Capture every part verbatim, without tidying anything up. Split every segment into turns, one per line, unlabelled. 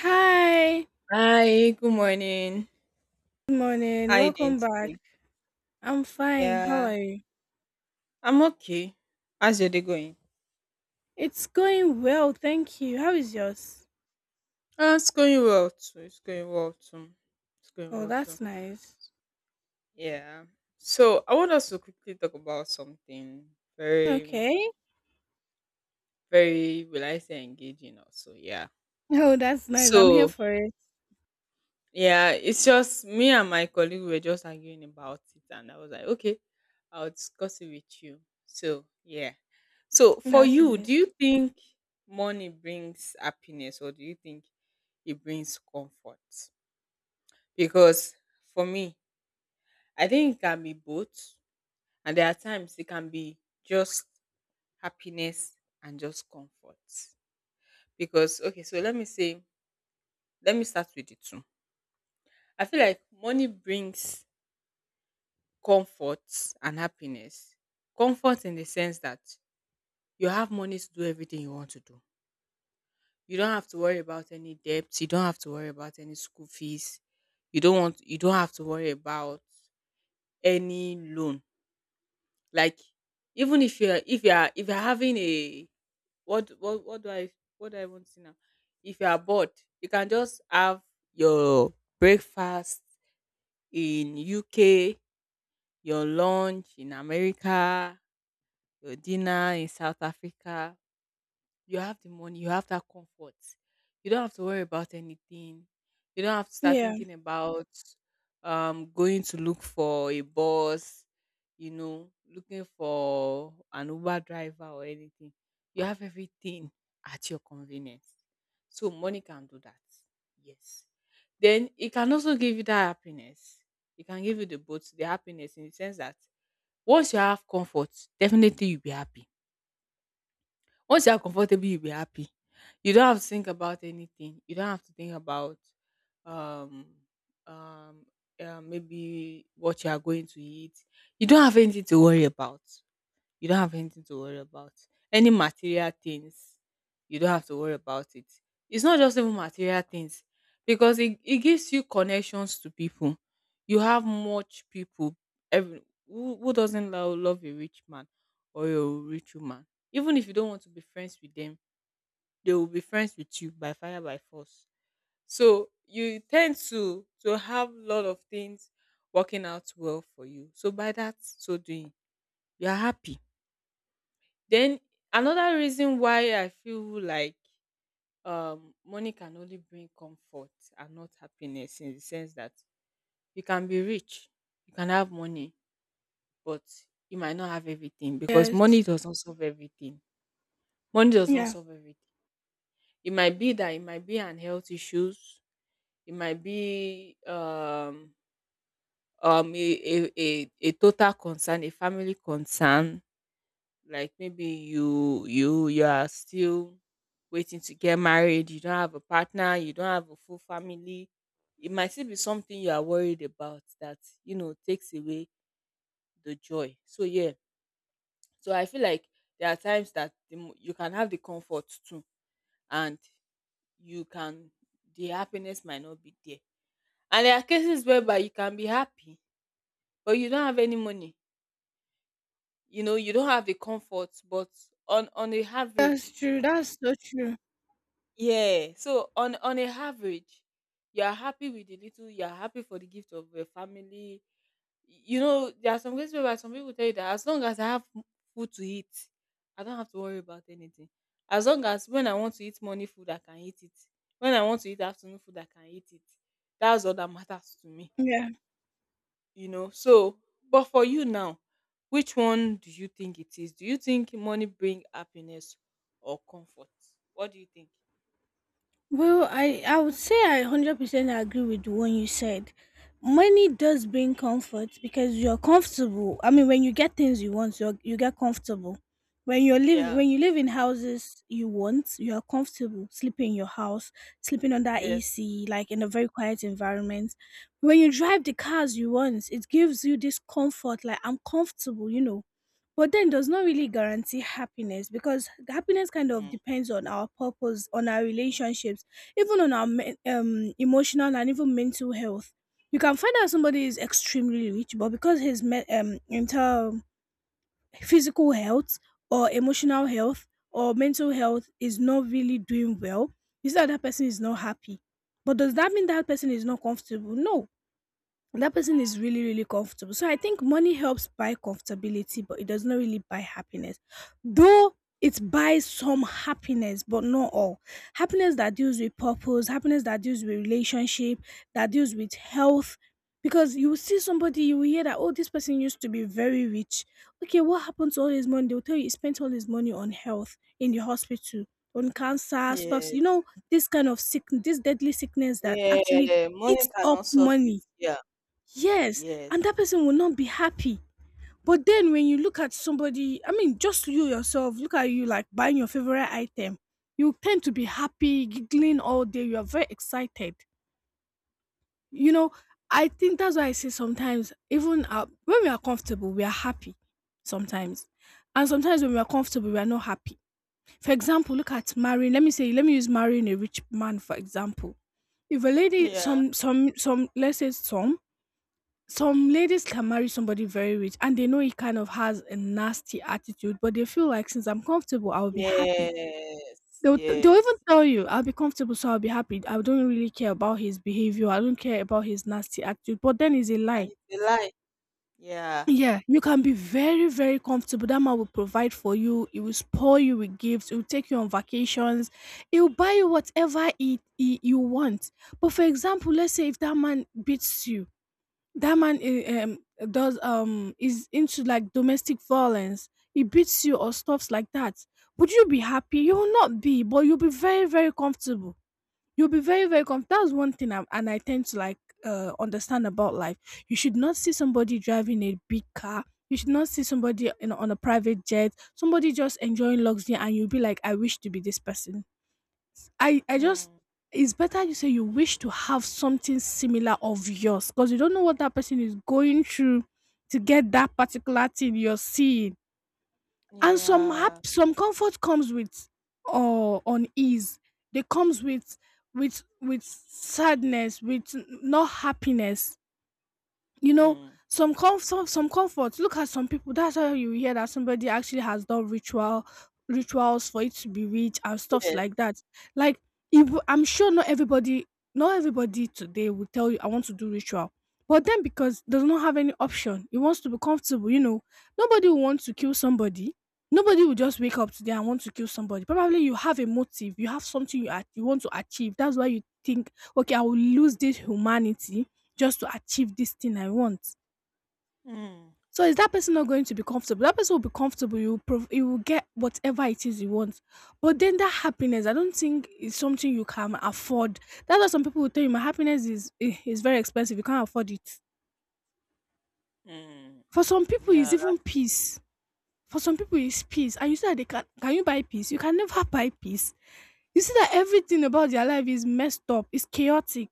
Hi,
Hi, good morning.
good morning.
How you doing
Welcome
today?
back. I'm fine. How are
Yeah,
you?
I'm okay. How's your day going?
It's going well, thank you. How is yours?
Uh, it's going well too. It's going well too. It's going
Oh,
well too.
that's nice.
Yeah. So I want us to quickly talk about something very,
Okay.
very, will I say engaging also. Yeah.
Oh, that's nice. I'm here
So
for it.
yeah, it's just me and my colleague we were just arguing about it and I was like, okay, I'll discuss it with you. So yeah. So for
That's
you, do
nice.
you think money brings happiness or do you think it brings comfort? Because for me, I think it can be both. And there are times it can be just happiness and just comfort. Because okay, so let me say, let me start with the two. I feel like money brings comfort and happiness. Comfort in the sense that you have money to do everything you want to do. You don't have to worry about any debts. You don't have to worry about any school fees. You don't want. You don't have to worry about any loan. Like even if you're if you're if you're having a what what what do I what do I want to say now? If you are bored, you can just have your breakfast in U K, your lunch in America, your dinner in South Africa, you have the money, you have that comfort. You don't have to worry about anything. You don't have to start
Yeah.
thinking about um going to look for a bus, you know, looking for an Uber driver or anything. You have everything at your convenience. So money can do that. Yes. Then it can also give you that happiness. It can give you the both the happiness in the sense that once you have comfort, definitely you'll be happy once you are comfortable, you'll be happy. You don't have to think about anything. You don't have to think about um um uh, maybe what you are going to eat. You don't have anything to worry about, you don't have anything to worry about. Any material things, you don't have to worry about it. It's not just even material things because it, it gives you connections to people. You have much people. Every, who, who doesn't love, love a rich man or a rich woman? Even if you don't want to be friends with them, they will be friends with you by fire by force. So you tend to to have a lot of things working out well for you. So by that so doing, you are happy, then another reason why I feel like um money can only bring comfort and not happiness in the sense that you can be rich, you can have money, but you might not have everything because
Yes.
money does not solve everything. Money does not
Yeah.
solve everything. It might be that it might be an health issues, it might be um um a, a, a, a total concern, a family concern, like maybe you you you are still waiting to get married, you don't have a partner, you don't have a full family, it might still be something you are worried about, that you know takes away the joy. So yeah, so I feel like there are times that the, mo- you can have the comfort too, and you can, the happiness might not be there, and there are cases whereby you can be happy but you don't have any money, you know, you don't have the comfort, but on on the
That's
average.
true. That's so true.
Yeah. So on on a average, you are happy with the little. You are happy for the gift of your family. You know, there are some cases where some people tell you that as long as I have m- food to eat, I don't have to worry about anything. As long as when I want to eat morning food, I can eat it. When I want to eat afternoon food, I can eat it. That's all that matters to me.
Yeah.
You know. So, but for you now, which one do you think it is? Do you think money bring happiness or comfort? What do you think?
Well, I I would say I one hundred percent agree with the one you said. Money does bring comfort because you're comfortable. I mean, when you get things you want, you you get comfortable. When you live
Yeah.
when you live in houses you want, you are comfortable sleeping in your house, sleeping under
Yes.
A C, like in a very quiet environment. When you drive the cars you want, it gives you this comfort, like I'm comfortable, you know, but then does not really guarantee happiness because happiness kind of
Mm.
depends on our purpose, on our relationships, even on our men- um, emotional and even mental health. You can find out somebody is extremely rich, but because his me- um, mental, physical health or emotional health or mental health is not really doing well, you see that that person is not happy. But does that mean that person is not comfortable? No, and that person is really, really comfortable. So I think money helps buy comfortability, but it does not really buy happiness. Though it buys some happiness, but not all. Happiness that deals with purpose, happiness that deals with relationship, that deals with health. Because you will see somebody, you will hear that, oh, this person used to be very rich. Okay, what happened to all his money? They'll tell you he spent all his money on health in the hospital, on cancer stuff, you
Yes.
know, this kind of sick, this deadly sickness that actually
Yeah. Money
eats up
cannot solve it.
money.
Yeah.
Yes, and
Yes.
that person will not be happy. But then when you look at somebody, I mean, just you yourself, look at you like buying your favorite item, you tend to be happy, giggling all day. You are very excited. You know, I think that's why I say sometimes, even uh, when we are comfortable, we are happy sometimes. And sometimes when we are comfortable, we are not happy. For example, look at marrying. Let me say, let me use marrying a rich man for example. If a lady,
Yeah.
some, some, some, let's say some, some ladies can marry somebody very rich and they know he kind of has a nasty attitude, but they feel like since I'm comfortable, I'll be happy.
Yes.
They'll, they'll even
Yes.
tell you, I'll be comfortable, so I'll be happy. I don't really care about his behavior. I don't care about his nasty attitude. But then it's a lie.
And it's a lie. Yeah.
Yeah, you can be very, very comfortable. That man will provide for you. He will spoil you with gifts. He will take you on vacations. He will buy you whatever he, he, you want. But for example, let's say if that man beats you, that man eh, um, does um is into like domestic violence, he beats you or stuffs like that. Would you be happy? You will not be, but you'll be very, very comfortable. You'll be very, very comfortable. That's one thing I, and I tend to like uh understand about life. You should not see somebody driving a big car, you should not see somebody in, on a private jet, somebody just enjoying luxury and you'll be like, I wish to be this person. I I just,
Mm.
it's better you say you wish to have something similar of yours because you don't know what that person is going through to get that particular thing you're seeing. And some
Yeah.
hap- some comfort comes with or unease. They comes with with with sadness, with n- not happiness, you know.
Mm.
Some comfort, some comfort, look at some people. That's how you hear that somebody actually has done ritual rituals for it to be rich and stuffs
Yes.
like that. Like, if I'm sure, not everybody, not everybody today will tell you I want to do ritual, but then because does not have any option, he wants to be comfortable, you know. Nobody will want to kill somebody, nobody will just wake up today and want to kill somebody. Probably you have a motive, you have something you, at- you want to achieve. That's why you think, okay, I will lose this humanity just to achieve this thing I want.
Mm.
So is that person not going to be comfortable? That person will be comfortable. You will prov- you will get whatever it is you want. But then that happiness, I don't think is something you can afford. That's why some people will tell you, my happiness is eh, is very expensive. You can't afford it.
Mm.
For some people, it's
Yeah.
even peace. For some people, it's peace. And you say that, they can can you buy peace? You can never buy peace. You see that everything about their life is messed up. It's chaotic.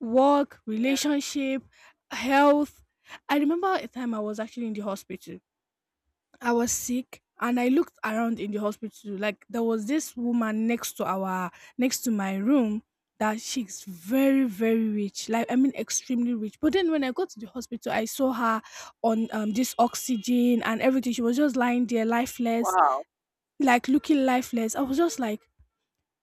Work,
Yeah.
relationship, health. I remember a time I was actually in the hospital. I was sick and I looked around in the hospital. Like, there was this woman next to our next to my room, that she's very, very rich. Like, I mean extremely rich. But then when I got to the hospital, I saw her on um this oxygen and everything. She was just lying there lifeless,
Wow.
like looking lifeless. I was just like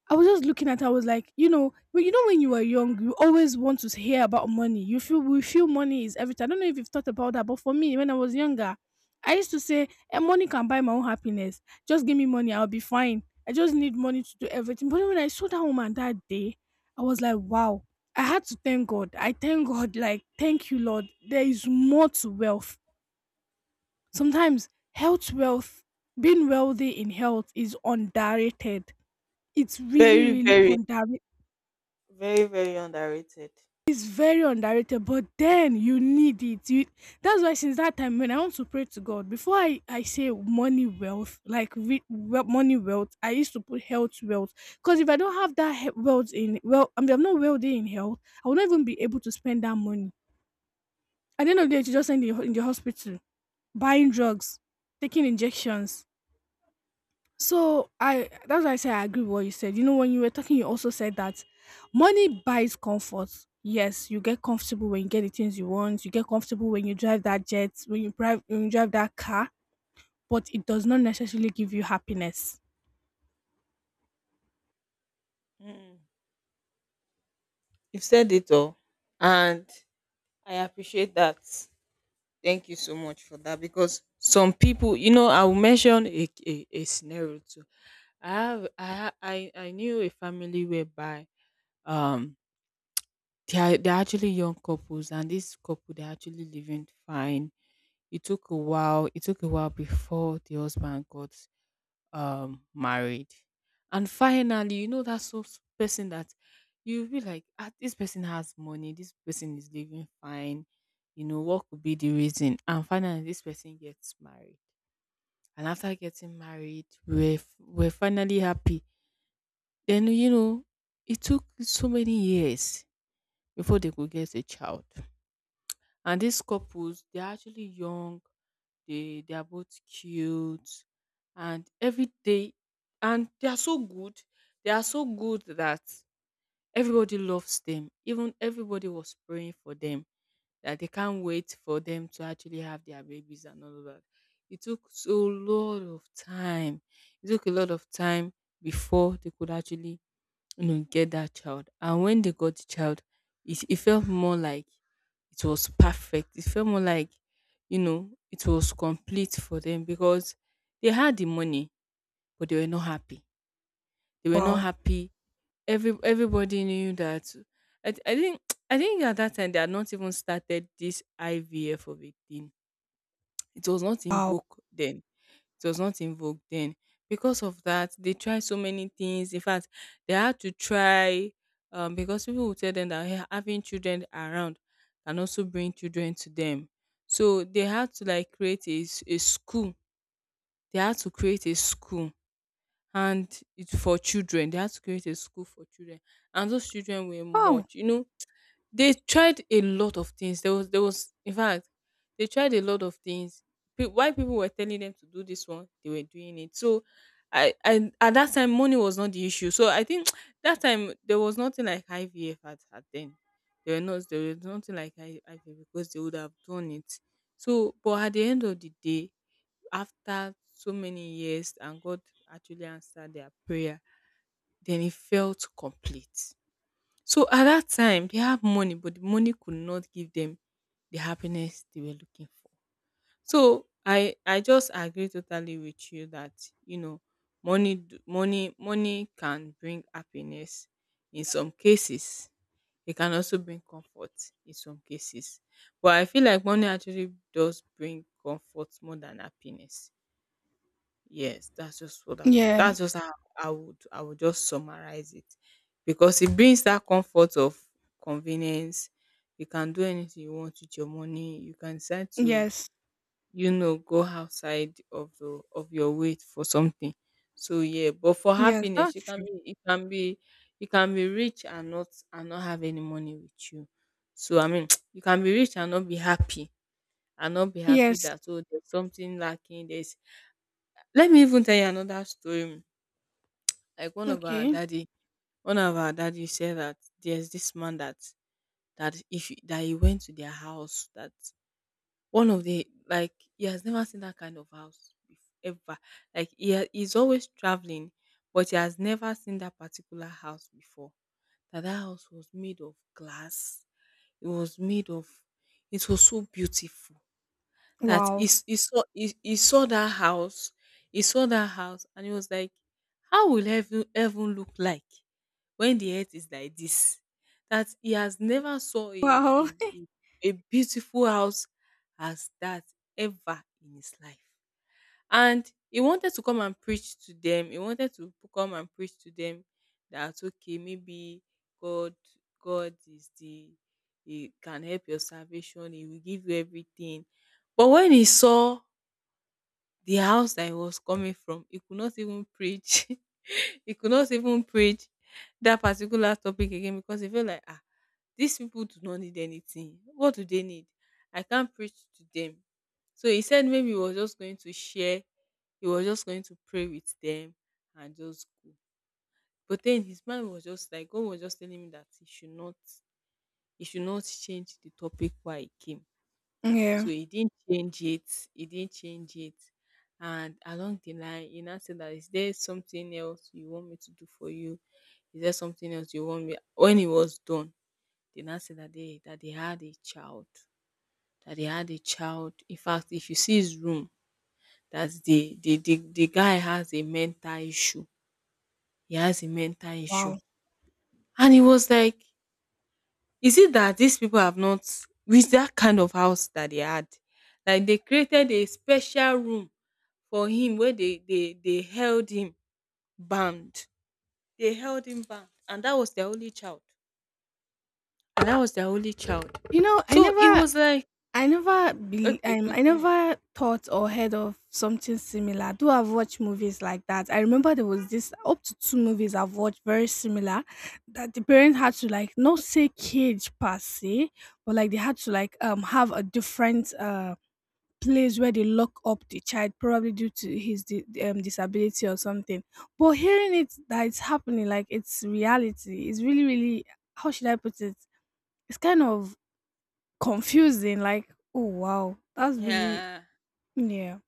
I was just looking at her, I was like, you know, well, you know, when you were young, you always want to hear about money. You feel We feel money is everything. I don't know if you've thought about that, but for me, when I was younger, I used to say, eh, money can buy my own happiness. Just give me money, I'll be fine. I just need money to do everything. But when I saw that woman that day, I was like, wow. I had to thank God. I thank God, like, thank you, Lord. There is more to wealth. Sometimes health wealth, being wealthy in health is underrated. It's really,
Very,
really
very,
underrated.
very, very underrated.
It's very underrated, but then you need it. You, that's why since that time when I want to pray to God, before I I say money wealth, like re, well, money wealth, I used to put health wealth because if I don't have that he- wealth in well, I mean I'm not wealthy in health, I will not even be able to spend that money. At the end of the day, you just end in the ho- in the hospital, buying drugs, taking injections. So I that's why I say I agree with what you said. You know, when you were talking, you also said that money buys comfort. Yes, you get comfortable when you get the things you want. You get comfortable when you drive that jet, when you drive when you drive that car, but it does not necessarily give you happiness.
Mm. You've said it all. And I appreciate that. Thank you so much for that because some people, you know, I will mention a, a, a scenario too. I have I ha- I I knew a family whereby um they are, they're actually young couples and this couple they're actually living fine. It took a while. It took a while before the husband got um married, and finally you know that so so person that you'll be like, ah, this person has money, this person is living fine, you know, what could be the reason, and finally this person gets married, and after getting married we're f- we're finally happy, then you know it took so many years before they could get a child. And these couples, they're actually young, they they are both cute, and every day, and they are so good. They are so good that everybody loves them. Even everybody was praying for them, that they can't wait for them to actually have their babies and all of that. It took so lot of time. It took a lot of time before they could actually, you know, get that child. And when they got the child, it, it felt more like it was perfect, it felt more like, you know, it was complete for them because they had the money but they were not happy, they were not
Wow.
happy. Every everybody knew that. I, I think i think at that time they had not even started this ivf of a thing. It was not in vogue then, it was not in vogue then. Because of that, they tried so many things. In fact, they had to try, um, because people would tell them that, "Hey, having children around can also bring children to them." So they had to like create a, s- a school. They had to create a school, and it's for children. They had to create a school for children. And those children were
Oh.
much. You know, they tried a lot of things. There was there was in fact they tried a lot of things. Pe- While people were telling them to do this one, they were doing it. So I I at that time money was not the issue. So I think that time there was nothing like I V F at, at then. There were not there was nothing like I- IVF because they would have done it. So but at the end of the day, after so many years and God actually answered their prayer, then it felt complete. So at that time, they have money, but the money could not give them the happiness they were looking for. So I I just agree totally with you that, you know, money d- money money can bring happiness in some cases. It can also bring comfort in some cases. But I feel like money actually does bring comfort more than happiness. Yes, that's just what I would,
Yeah.
that's just how I would I would just summarize it. Because it brings that comfort of convenience. You can do anything you want with your money. You can decide to,
Yes.
you know, go outside of the of your way for something. So yeah, but for
Yes,
happiness,
that's
you can
true.
be, it can be, you can be rich and not, and not have any money with you. So I mean you can be rich and not be happy. And not be happy,
Yes.
that oh there's something lacking. There's, let me even tell you another story. Like one of our
Okay.
daddy, one of our daddy said that there's this man that, that if you, that he went to their house, that one of the, like he has never seen that kind of house bef- ever. Like he ha- he's always traveling, but he has never seen that particular house before. That that house was made of glass. It was made of. It was so beautiful that he,
Wow.
s- he saw, he, he saw that house, he saw that house and he was like, how will heaven heaven look like when the earth is like this, that he has never saw a
Wow.
a, a, a beautiful house as that ever in his life. And he wanted to come and preach to them. He wanted to p- come and preach to them that okay, maybe God, God is the, he can help your salvation, he will give you everything. But when he saw the house that he was coming from, he could not even preach. He could not even preach that particular topic again because he felt like, ah, these people do not need anything. What do they need? I can't preach to them. So he said maybe he was just going to share, he was just going to pray with them and just go. But then his mind was just like God was just telling him that he should not he should not change the topic why he came. So
Yeah.
he didn't change it. He didn't change it. And along the line, he now said, that is there something else you want me to do for you? Is there something else you want me? When it was done, they now said that they that they had a child. That they had a child. In fact, if you see his room, that's the the the, the guy has a mental issue. He has a mental issue.
Wow.
And he was like, is it that these people have not, with that kind of house that they had, like they created a special room for him where they they they held him bound. They held him bound, and that was their only child. And that was their only child.
You know, I
So it
never
was like
I never be
okay,
um I
continue.
never thought or heard of something similar. Though I've watched movies like that. I remember there was this up to two movies I've watched very similar, that the parent had to like not say cage per se, but like they had to like um have a different uh place where they lock up the child probably due to his di- um, disability or something. But hearing it that it's happening like it's reality, it's really, really, how should I put it? It's kind of confusing, like, "Oh, wow, that's really,"
Yeah.
yeah,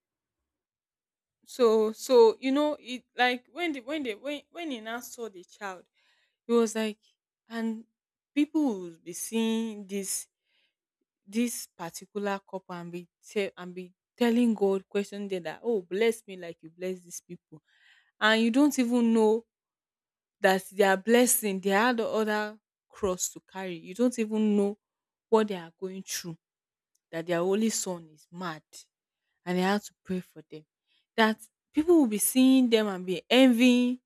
So so you know it, like when the when they when when he now saw the child, it was like, and people will be seeing this this particular couple and be tell and be telling God, question them that, oh, bless me like you bless these people, and you don't even know that they are blessing, they had the other cross to carry, you don't even know what they are going through, that their only son is mad and they have to pray for them. That people will be seeing them and be envying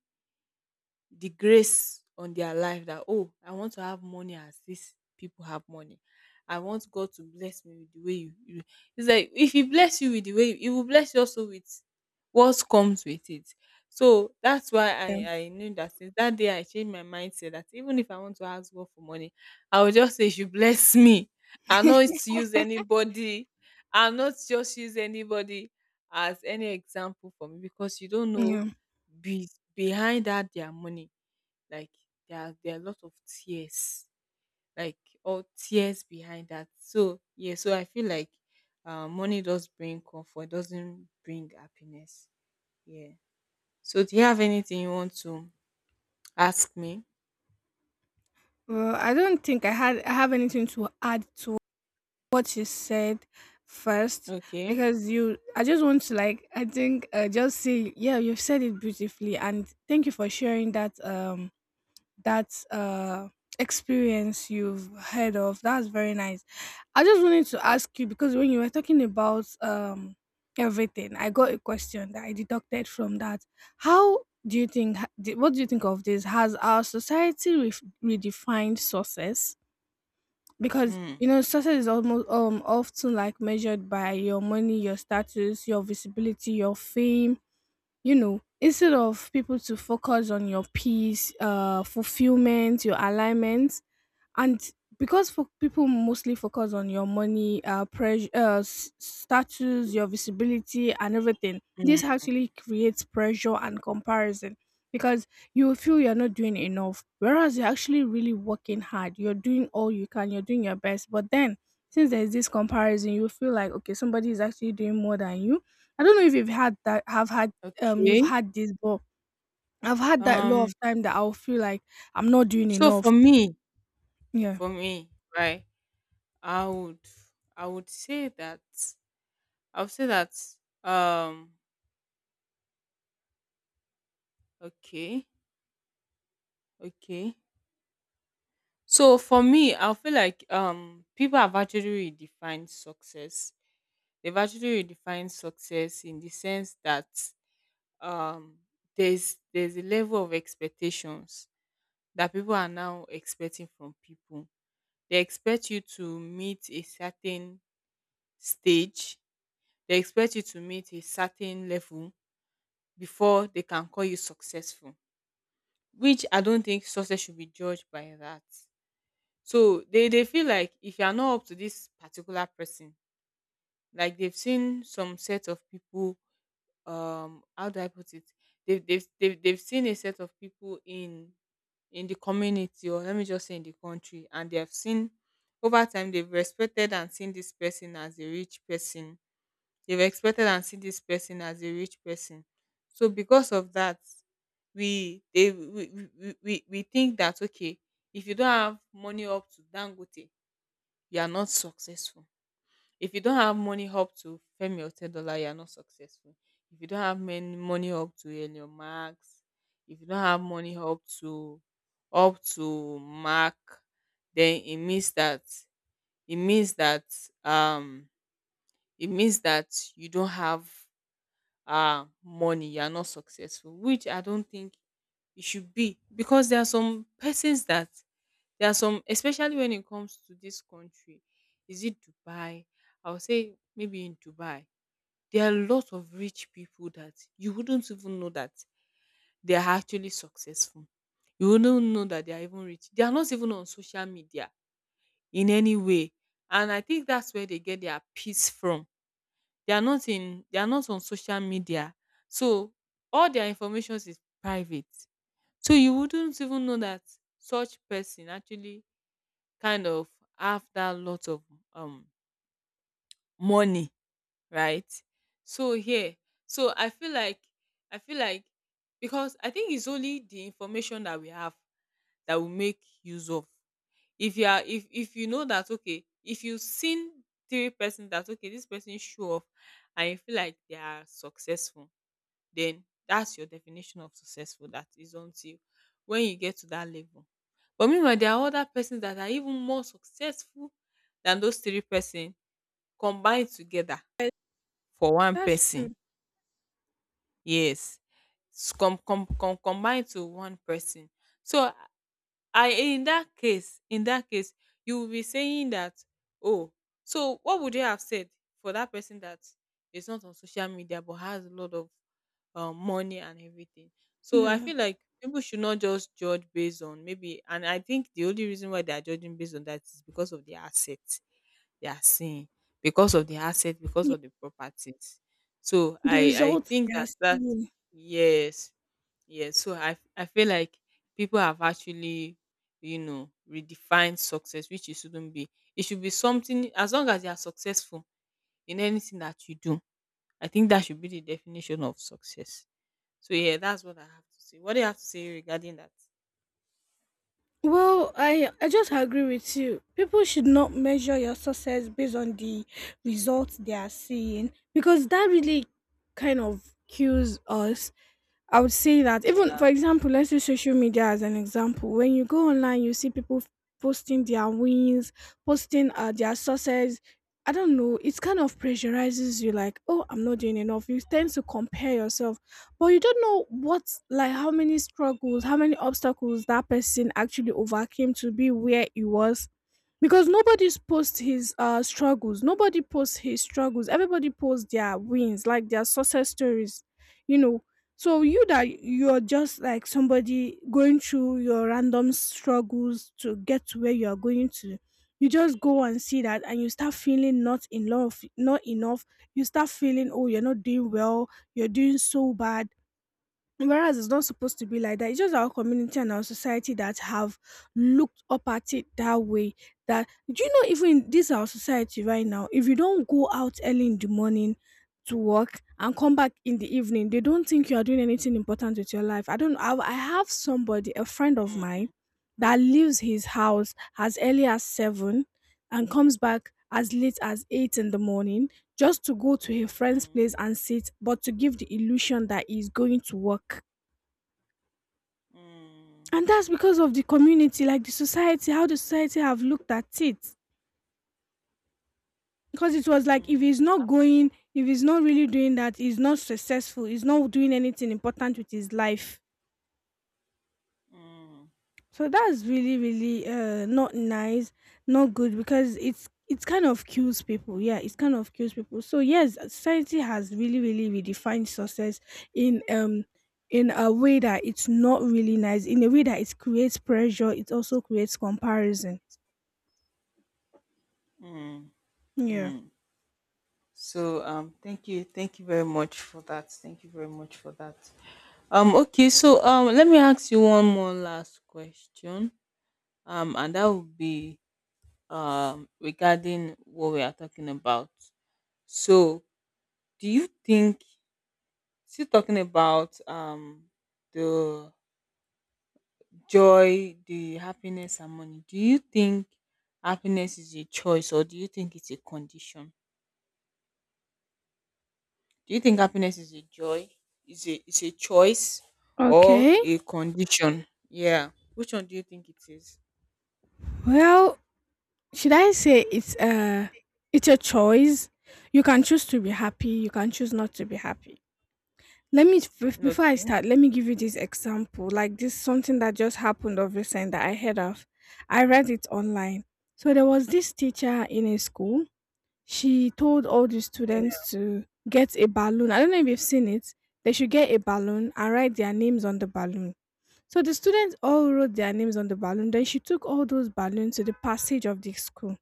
the grace on their life, that oh, I want to have money as these people have money. I want God to bless me with the way you, you, it's like if he bless you with the way, he will bless you also with what comes with it. So that's why i i knew that since that day I changed my mindset, that even if I want to ask God for money, I will just say, you should bless me. I not use anybody. I not just use anybody as any example for me, because you don't know
yeah.
be behind that their money, like there are there are a lot of tears, like all tears behind that. So yeah, so I feel like uh, money does bring comfort, doesn't bring happiness. Yeah. So do you have anything you want to ask me?
Well, I don't think I had I have anything to add to what you said first,
Okay.
because you, I just want to, like, I think, uh, just say, yeah, you've said it beautifully, and thank you for sharing that, um that uh experience you've heard of. That's very nice. I just wanted to ask you, because when you were talking about um everything, I got a question that I deducted from that. How do you think? Ha- di- What do you think of this? Has our society ref redefined success? Because you
Mm.
know, success is almost um often like measured by your money, your status, your visibility, your fame, you know, instead of people to focus on your peace, uh fulfillment, your alignment, and because for people mostly focus on your money, uh pressure, uh, s- status, your visibility and everything, this
Mm.
actually creates pressure and comparison. Because you feel you're not doing enough, whereas you're actually really working hard, you're doing all you can, you're doing your best, but then since there's this comparison, you feel like, okay, somebody is actually doing more than you. I don't know if you've had that have had, um you've
Okay.
had this, but I've had that a lot of
Um.
time, that I'll feel like I'm not doing
So
enough.
for me,
Yeah.
for me, right? I would, I would say that, I would say that. Um. Okay. Okay. So for me, I feel like um people have actually redefined success. They've actually redefined success in the sense that um there's there's a level of expectations that people are now expecting from people. They expect you to meet a certain stage. They expect you to meet a certain level before they can call you successful. Which I don't think success should be judged by that. So they, they feel like if you are not up to this particular person, like they've seen some set of people, um, how do I put it? They've they've they've, they've seen a set of people in in the community, or let me just say in the country, and they have seen over time. They've respected and seen this person as a rich person. They've expected and seen this person as a rich person. So because of that, we they we, we, we, we we think that, okay, if you don't have money up to Dangote, you are not successful. If you don't have money up to fame your ten dollar, you are not successful. If you don't have many money up to earn your marks, if you don't have money up to up to mark, then it means that it means that um it means that you don't have uh money, you are not successful, which I don't think it should be, because there are some persons that there are some especially when it comes to this country, is it Dubai? I would say maybe in Dubai, there are lots of rich people that you wouldn't even know that they are actually successful. You wouldn't know that they are even rich. They are not even on social media in any way. And I think that's where they get their peace from. They are not in they are not on social media. So all their information is private. So you wouldn't even know that such person actually kind of have that lot of um money, right? So here, so i feel like i feel like because I think it's only the information that we have that we make use of. If you are if if you know that, okay, if you've seen three person that, okay, this person show off and you feel like they are successful, then that's your definition of successful. That is until when you get to that level. But meanwhile, there are other persons that are even more successful than those three persons combined together for one
That's
person.
true.
Yes. s- Com, com, com, combined to one person. So I in that case, in that case, you will be saying that, oh, so what would you have said for that person that is not on social media but has a lot of um, money and everything. So I
Yeah.
feel like people should not just judge based on maybe, and I think the only reason why they are judging based on that is because of the assets they are seeing, because of the assets, because
Yeah.
of the properties. So
The
I I
results they
think
are
that that
seeing.
yes, yes. So I I feel like people have actually, you know, redefined success, which it shouldn't be. It should be something as long as you are successful in anything that you do. I think that should be the definition of success. So yeah, that's what I have to say. What do you have to say regarding that?
Well, I I just agree with you. People should not measure your success based on the results they are seeing because that really kind of kills us. I would say that, even for
Yeah.
example, let's use social media as an example. When you go online, you see people f- posting their wins, posting uh, their success. I don't know. It kind of pressurizes you, like, oh, I'm not doing enough. You tend to compare yourself, but you don't know what, like, how many struggles, how many obstacles that person actually overcame to be where he was, because nobody's posts his uh struggles, nobody posts his struggles, everybody posts their wins, like their success stories you know so you, that you're just like somebody going through your random struggles to get to where you are going to. You just go and see that and you start feeling not in love not enough. You start feeling, oh, you're not doing well, you're doing so bad. Whereas it's not supposed to be like that. It's just our community and our society that have looked up at it that way. That, do you know, even in this our society right now, if you don't go out early in the morning to work and come back in the evening, they don't think you are doing anything important with your life. I don't I, I have somebody, a friend of
Mm,
mine, that leaves his house as early as seven and comes back as late as eight in the morning, just to go to a friend's
mm,
place and sit, but to give the illusion that he's going to work.
mm,
And that's because of the community, like the society, how the society have looked at it. Because it was like, if
mm,
he's not
actually,
going, if he's not really doing that, he's not successful, he's not doing anything important with his life.
mm,
So that's really, really uh not nice, not good, because it's it's kind of kills people. Yeah, it's kind of kills people. So yes, society has really, really redefined success in um in a way that it's not really nice, in a way that it creates pressure, it also creates comparison. Yeah.
mm. So um thank you, thank you very much for that. Thank you very much for that. Um, okay, so um let me ask you one more last question. Um and that would be um regarding what we are talking about. So do you think, still talking about um the joy, the happiness and money. Do you think happiness is a choice, or do you think it's a condition? Do you think happiness is a joy? Is a is a choice or
Okay.
a condition? Yeah. Which one do you think it is?
Well, should I say it's a it's a choice? You can choose to be happy. You can choose not to be happy. Let me Before I
Okay.
start, let me give you this example. Like, this something that just happened of recent that I heard of. I read it online. So there was this teacher in a school. She told all the
Yeah.
students to get a balloon. I don't know if you've seen it. They should get a balloon and write their names on the balloon. So the students all wrote their names on the balloon. Then she took all those balloons to the passage of the school.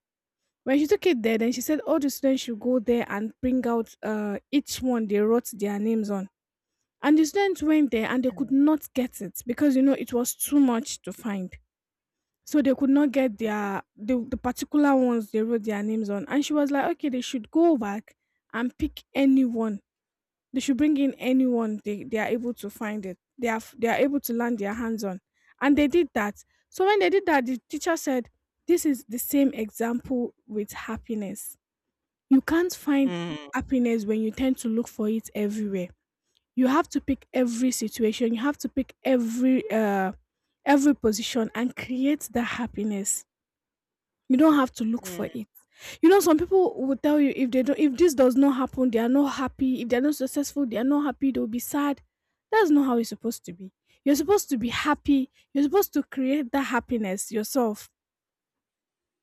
When she took it there, then she said all the students should go there and bring out uh, each one they wrote their names on, and the students went there and they could
Mm.
not get it, because you know it was too much to find. So they could not get their the, the particular ones they wrote their names on. And she was like, okay, they should go back and pick anyone. They should bring in anyone they, they are able to find it. They are they are able to land their hands on. And they did that. So when they did that, the teacher said, this is the same example with happiness. You can't find
Mm.
happiness when you tend to look for it everywhere. You have to pick every situation. You have to pick every uh every position and create that happiness. You don't have to look
Mm.
for it. You know, some people will tell you, if they don't if this does not happen, they are not happy. If they're not successful, they are not happy, they'll be sad. That's not how it's supposed to be. You're supposed to be happy. You're supposed to create that happiness yourself.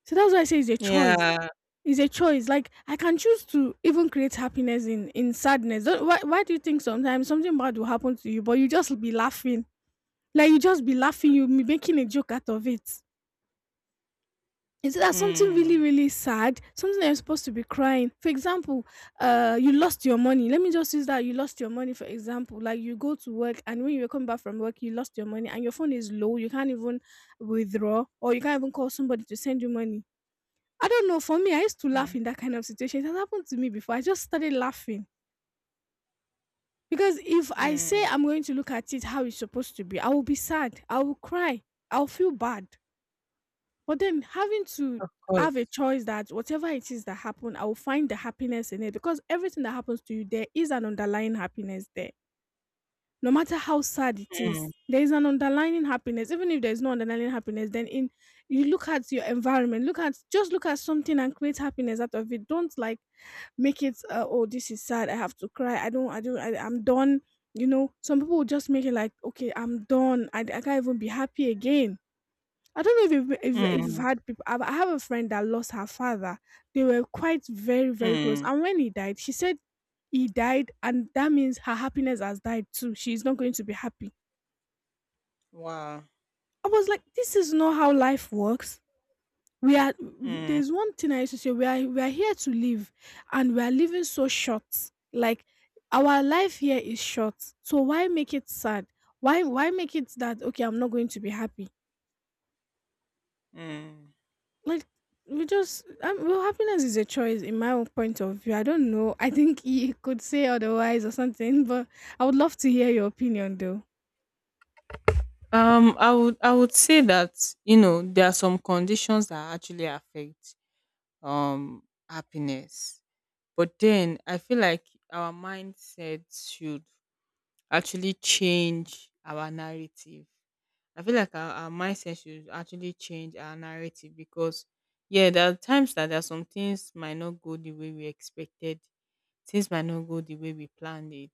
So that's why I say it's a choice.
Yeah.
It's a choice. Like, I can choose to even create happiness in in sadness. Don't- Why, why do you think sometimes something bad will happen to you, but you just be laughing? Like, you just be laughing, you'll be making a joke out of it. Instead of something really,
Mm.
really sad, something that you're supposed to be crying. For example, uh, you lost your money. Let me just use that. You lost your money, for example. Like, you go to work and when you were coming back from work, you lost your money and your phone is low. You can't even withdraw or you can't even call somebody to send you money. I don't know. For me, I used to
Yeah.
laugh in that kind of situation. It has happened to me before. I just started laughing. Because if I say
Mm.
I'm going to look at it how it's supposed to be, I will be sad. I will cry. I'll feel bad. But then, having to
Of
have a
course.
choice that whatever it is that happened, I will find the happiness in it, because everything that happens to you, there is an underlying happiness there. No matter how sad it is,
Mm.
there is an underlying happiness. Even if there is no underlying happiness, then in you look at your environment, look at, just look at something and create happiness out of it. Don't, like, make it, Uh, oh, this is sad, I have to cry. I don't. I don't. I, I'm done. You know, some people will just make it like, okay, I'm done. I, I can't even be happy again. I don't know if you've, if, if you've
Mm.
had people. I I have a friend that lost her father. They were quite very, very close.
Mm.
And when he died, she said he died, and that means her happiness has died too. She's not going to be happy.
Wow.
I was like, this is not how life works. We are,
Mm.
there's one thing I used to say, we are, we are here to live, and we are living so short. Like, our life here is short. So why make it sad? Why, why make it that, okay, I'm not going to be happy?
Mm.
Like, we just um, well, happiness is a choice, in my own point of view. I don't know, I think you could say otherwise or something, but I would love to hear your opinion, though.
Um, I would I would say that you know there are some conditions that actually affect um happiness, but then I feel like our mindset should actually change our narrative. I feel like our, our mindset should actually change our narrative because yeah, there are times that there are some things might not go the way we expected, things might not go the way we planned it,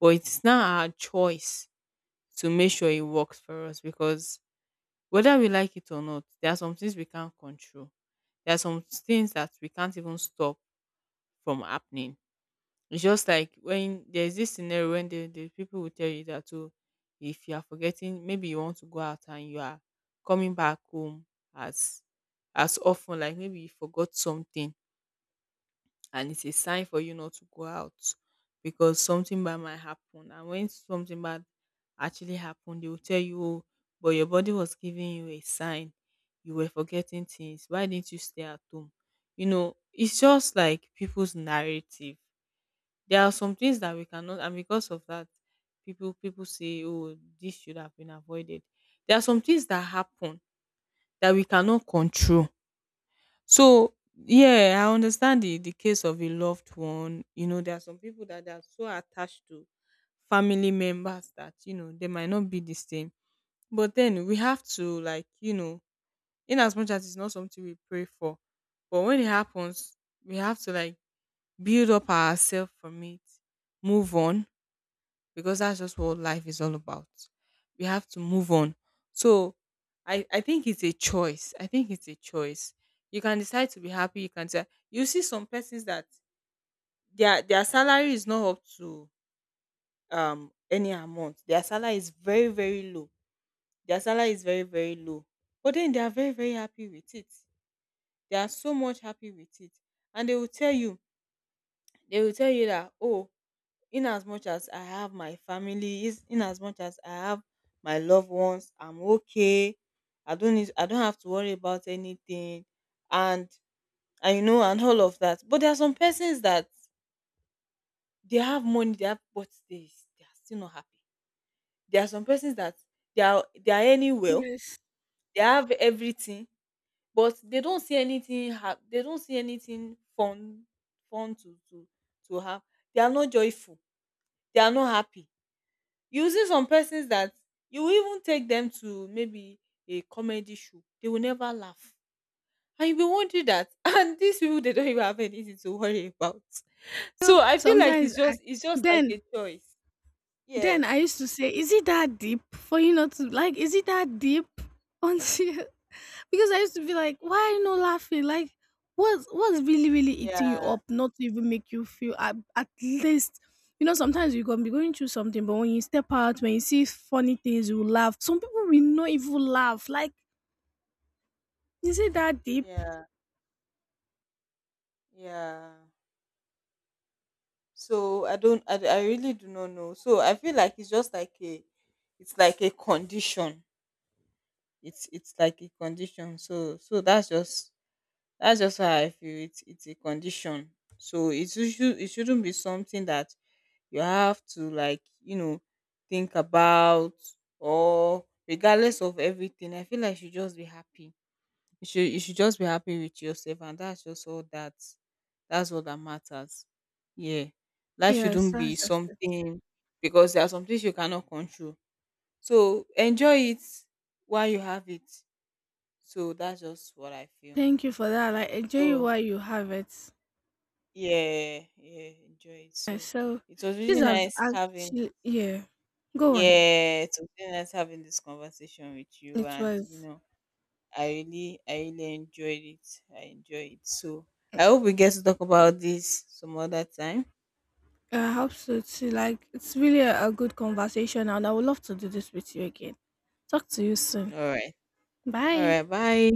but it's not our choice to make sure it works for us, because whether we like it or not, there are some things we can't control. There are some things that we can't even stop from happening. It's just like when there's this scenario when the, the people will tell you that, oh, if you are forgetting, maybe you want to go out and you are coming back home as as often, like maybe you forgot something, and it's a sign for you not to go out because something bad might happen. And when something bad actually happened, they will tell you, oh, but your body was giving you a sign. You were forgetting things. Why didn't you stay at home? You know, it's just like people's narrative. There are some things that we cannot, and because of that, people people say, oh, this should have been avoided. There are some things that happen that we cannot control. So, yeah, I understand the the case of a loved one. You know, there are some people that they are so attached to family members that, you know, they might not be the same. But then we have to like, you know, in as much as it's not something we pray for, but when it happens, we have to like build up ourselves from it, move on, because that's just what life is all about. We have to move on. So I, I think it's a choice. I think it's a choice. You can decide to be happy. You can say you see some persons that their their salary is not up to um any amount. Their salary is very, very low. Their salary is very, very low. But then they are very, very happy with it. They are so much happy with it. And they will tell you, they will tell you that, oh, in as much as I have my family, is in as much as I have my loved ones, I'm okay. I don't need, I don't have to worry about anything, and and you know, and all of that. But there are some persons that they have money, they have, but they they are still not happy. There are some persons that they are they are earning well.
Yes.
They have everything, but they don't see anything. Ha- they don't see anything fun, fun to to to have. They are not joyful. They are not happy. You see some persons that you will even take them to maybe a comedy show, they will never laugh. And you'll be wondering that and these people they don't even have anything to worry about.
You know,
So I feel like
sometimes
it's
I
just it's just like
then
a choice. Yeah.
then I used to say, is it that deep for you not to, like, is it that deep? Until. Because I used to be like, why are you not laughing? Like, what's what's really, really eating you
Yeah.
up? Not to even make you feel at, at least. You know, sometimes you gonna be going through something, but when you step out, when you see funny things, you laugh. Some people will not even laugh. Like, is it that deep?
Yeah. Yeah. So I don't I, I really do not know. So I feel like it's just like a it's like a condition. It's it's like a condition. So so that's just, that's just how I feel. It's it's a condition. So it should it shouldn't be something that you have to like, you know, think about, or regardless of everything. I feel like you should just be happy. You should you should just be happy with yourself, and that's just all that, that's all that matters. Yeah. Life
Yes,
shouldn't be
that's just it.
something, because there are some things you cannot control. So enjoy it while you have it. So that's just what I feel.
Thank you for that. Like, enjoy it
So
while you have it.
yeah, yeah, enjoy it.
Yeah,
So
so
it was
this
really
has
nice having,
actually, yeah. Go on.
yeah, it was really nice having this conversation with you,
It
and you
was
know, I really I really enjoyed it. I enjoyed it. So I hope we get to talk about this some other time.
uh, absolutely, like, it's really a, a good conversation, and I would love to do this with you again. Talk to you soon.
All right. All
Bye.
right, bye.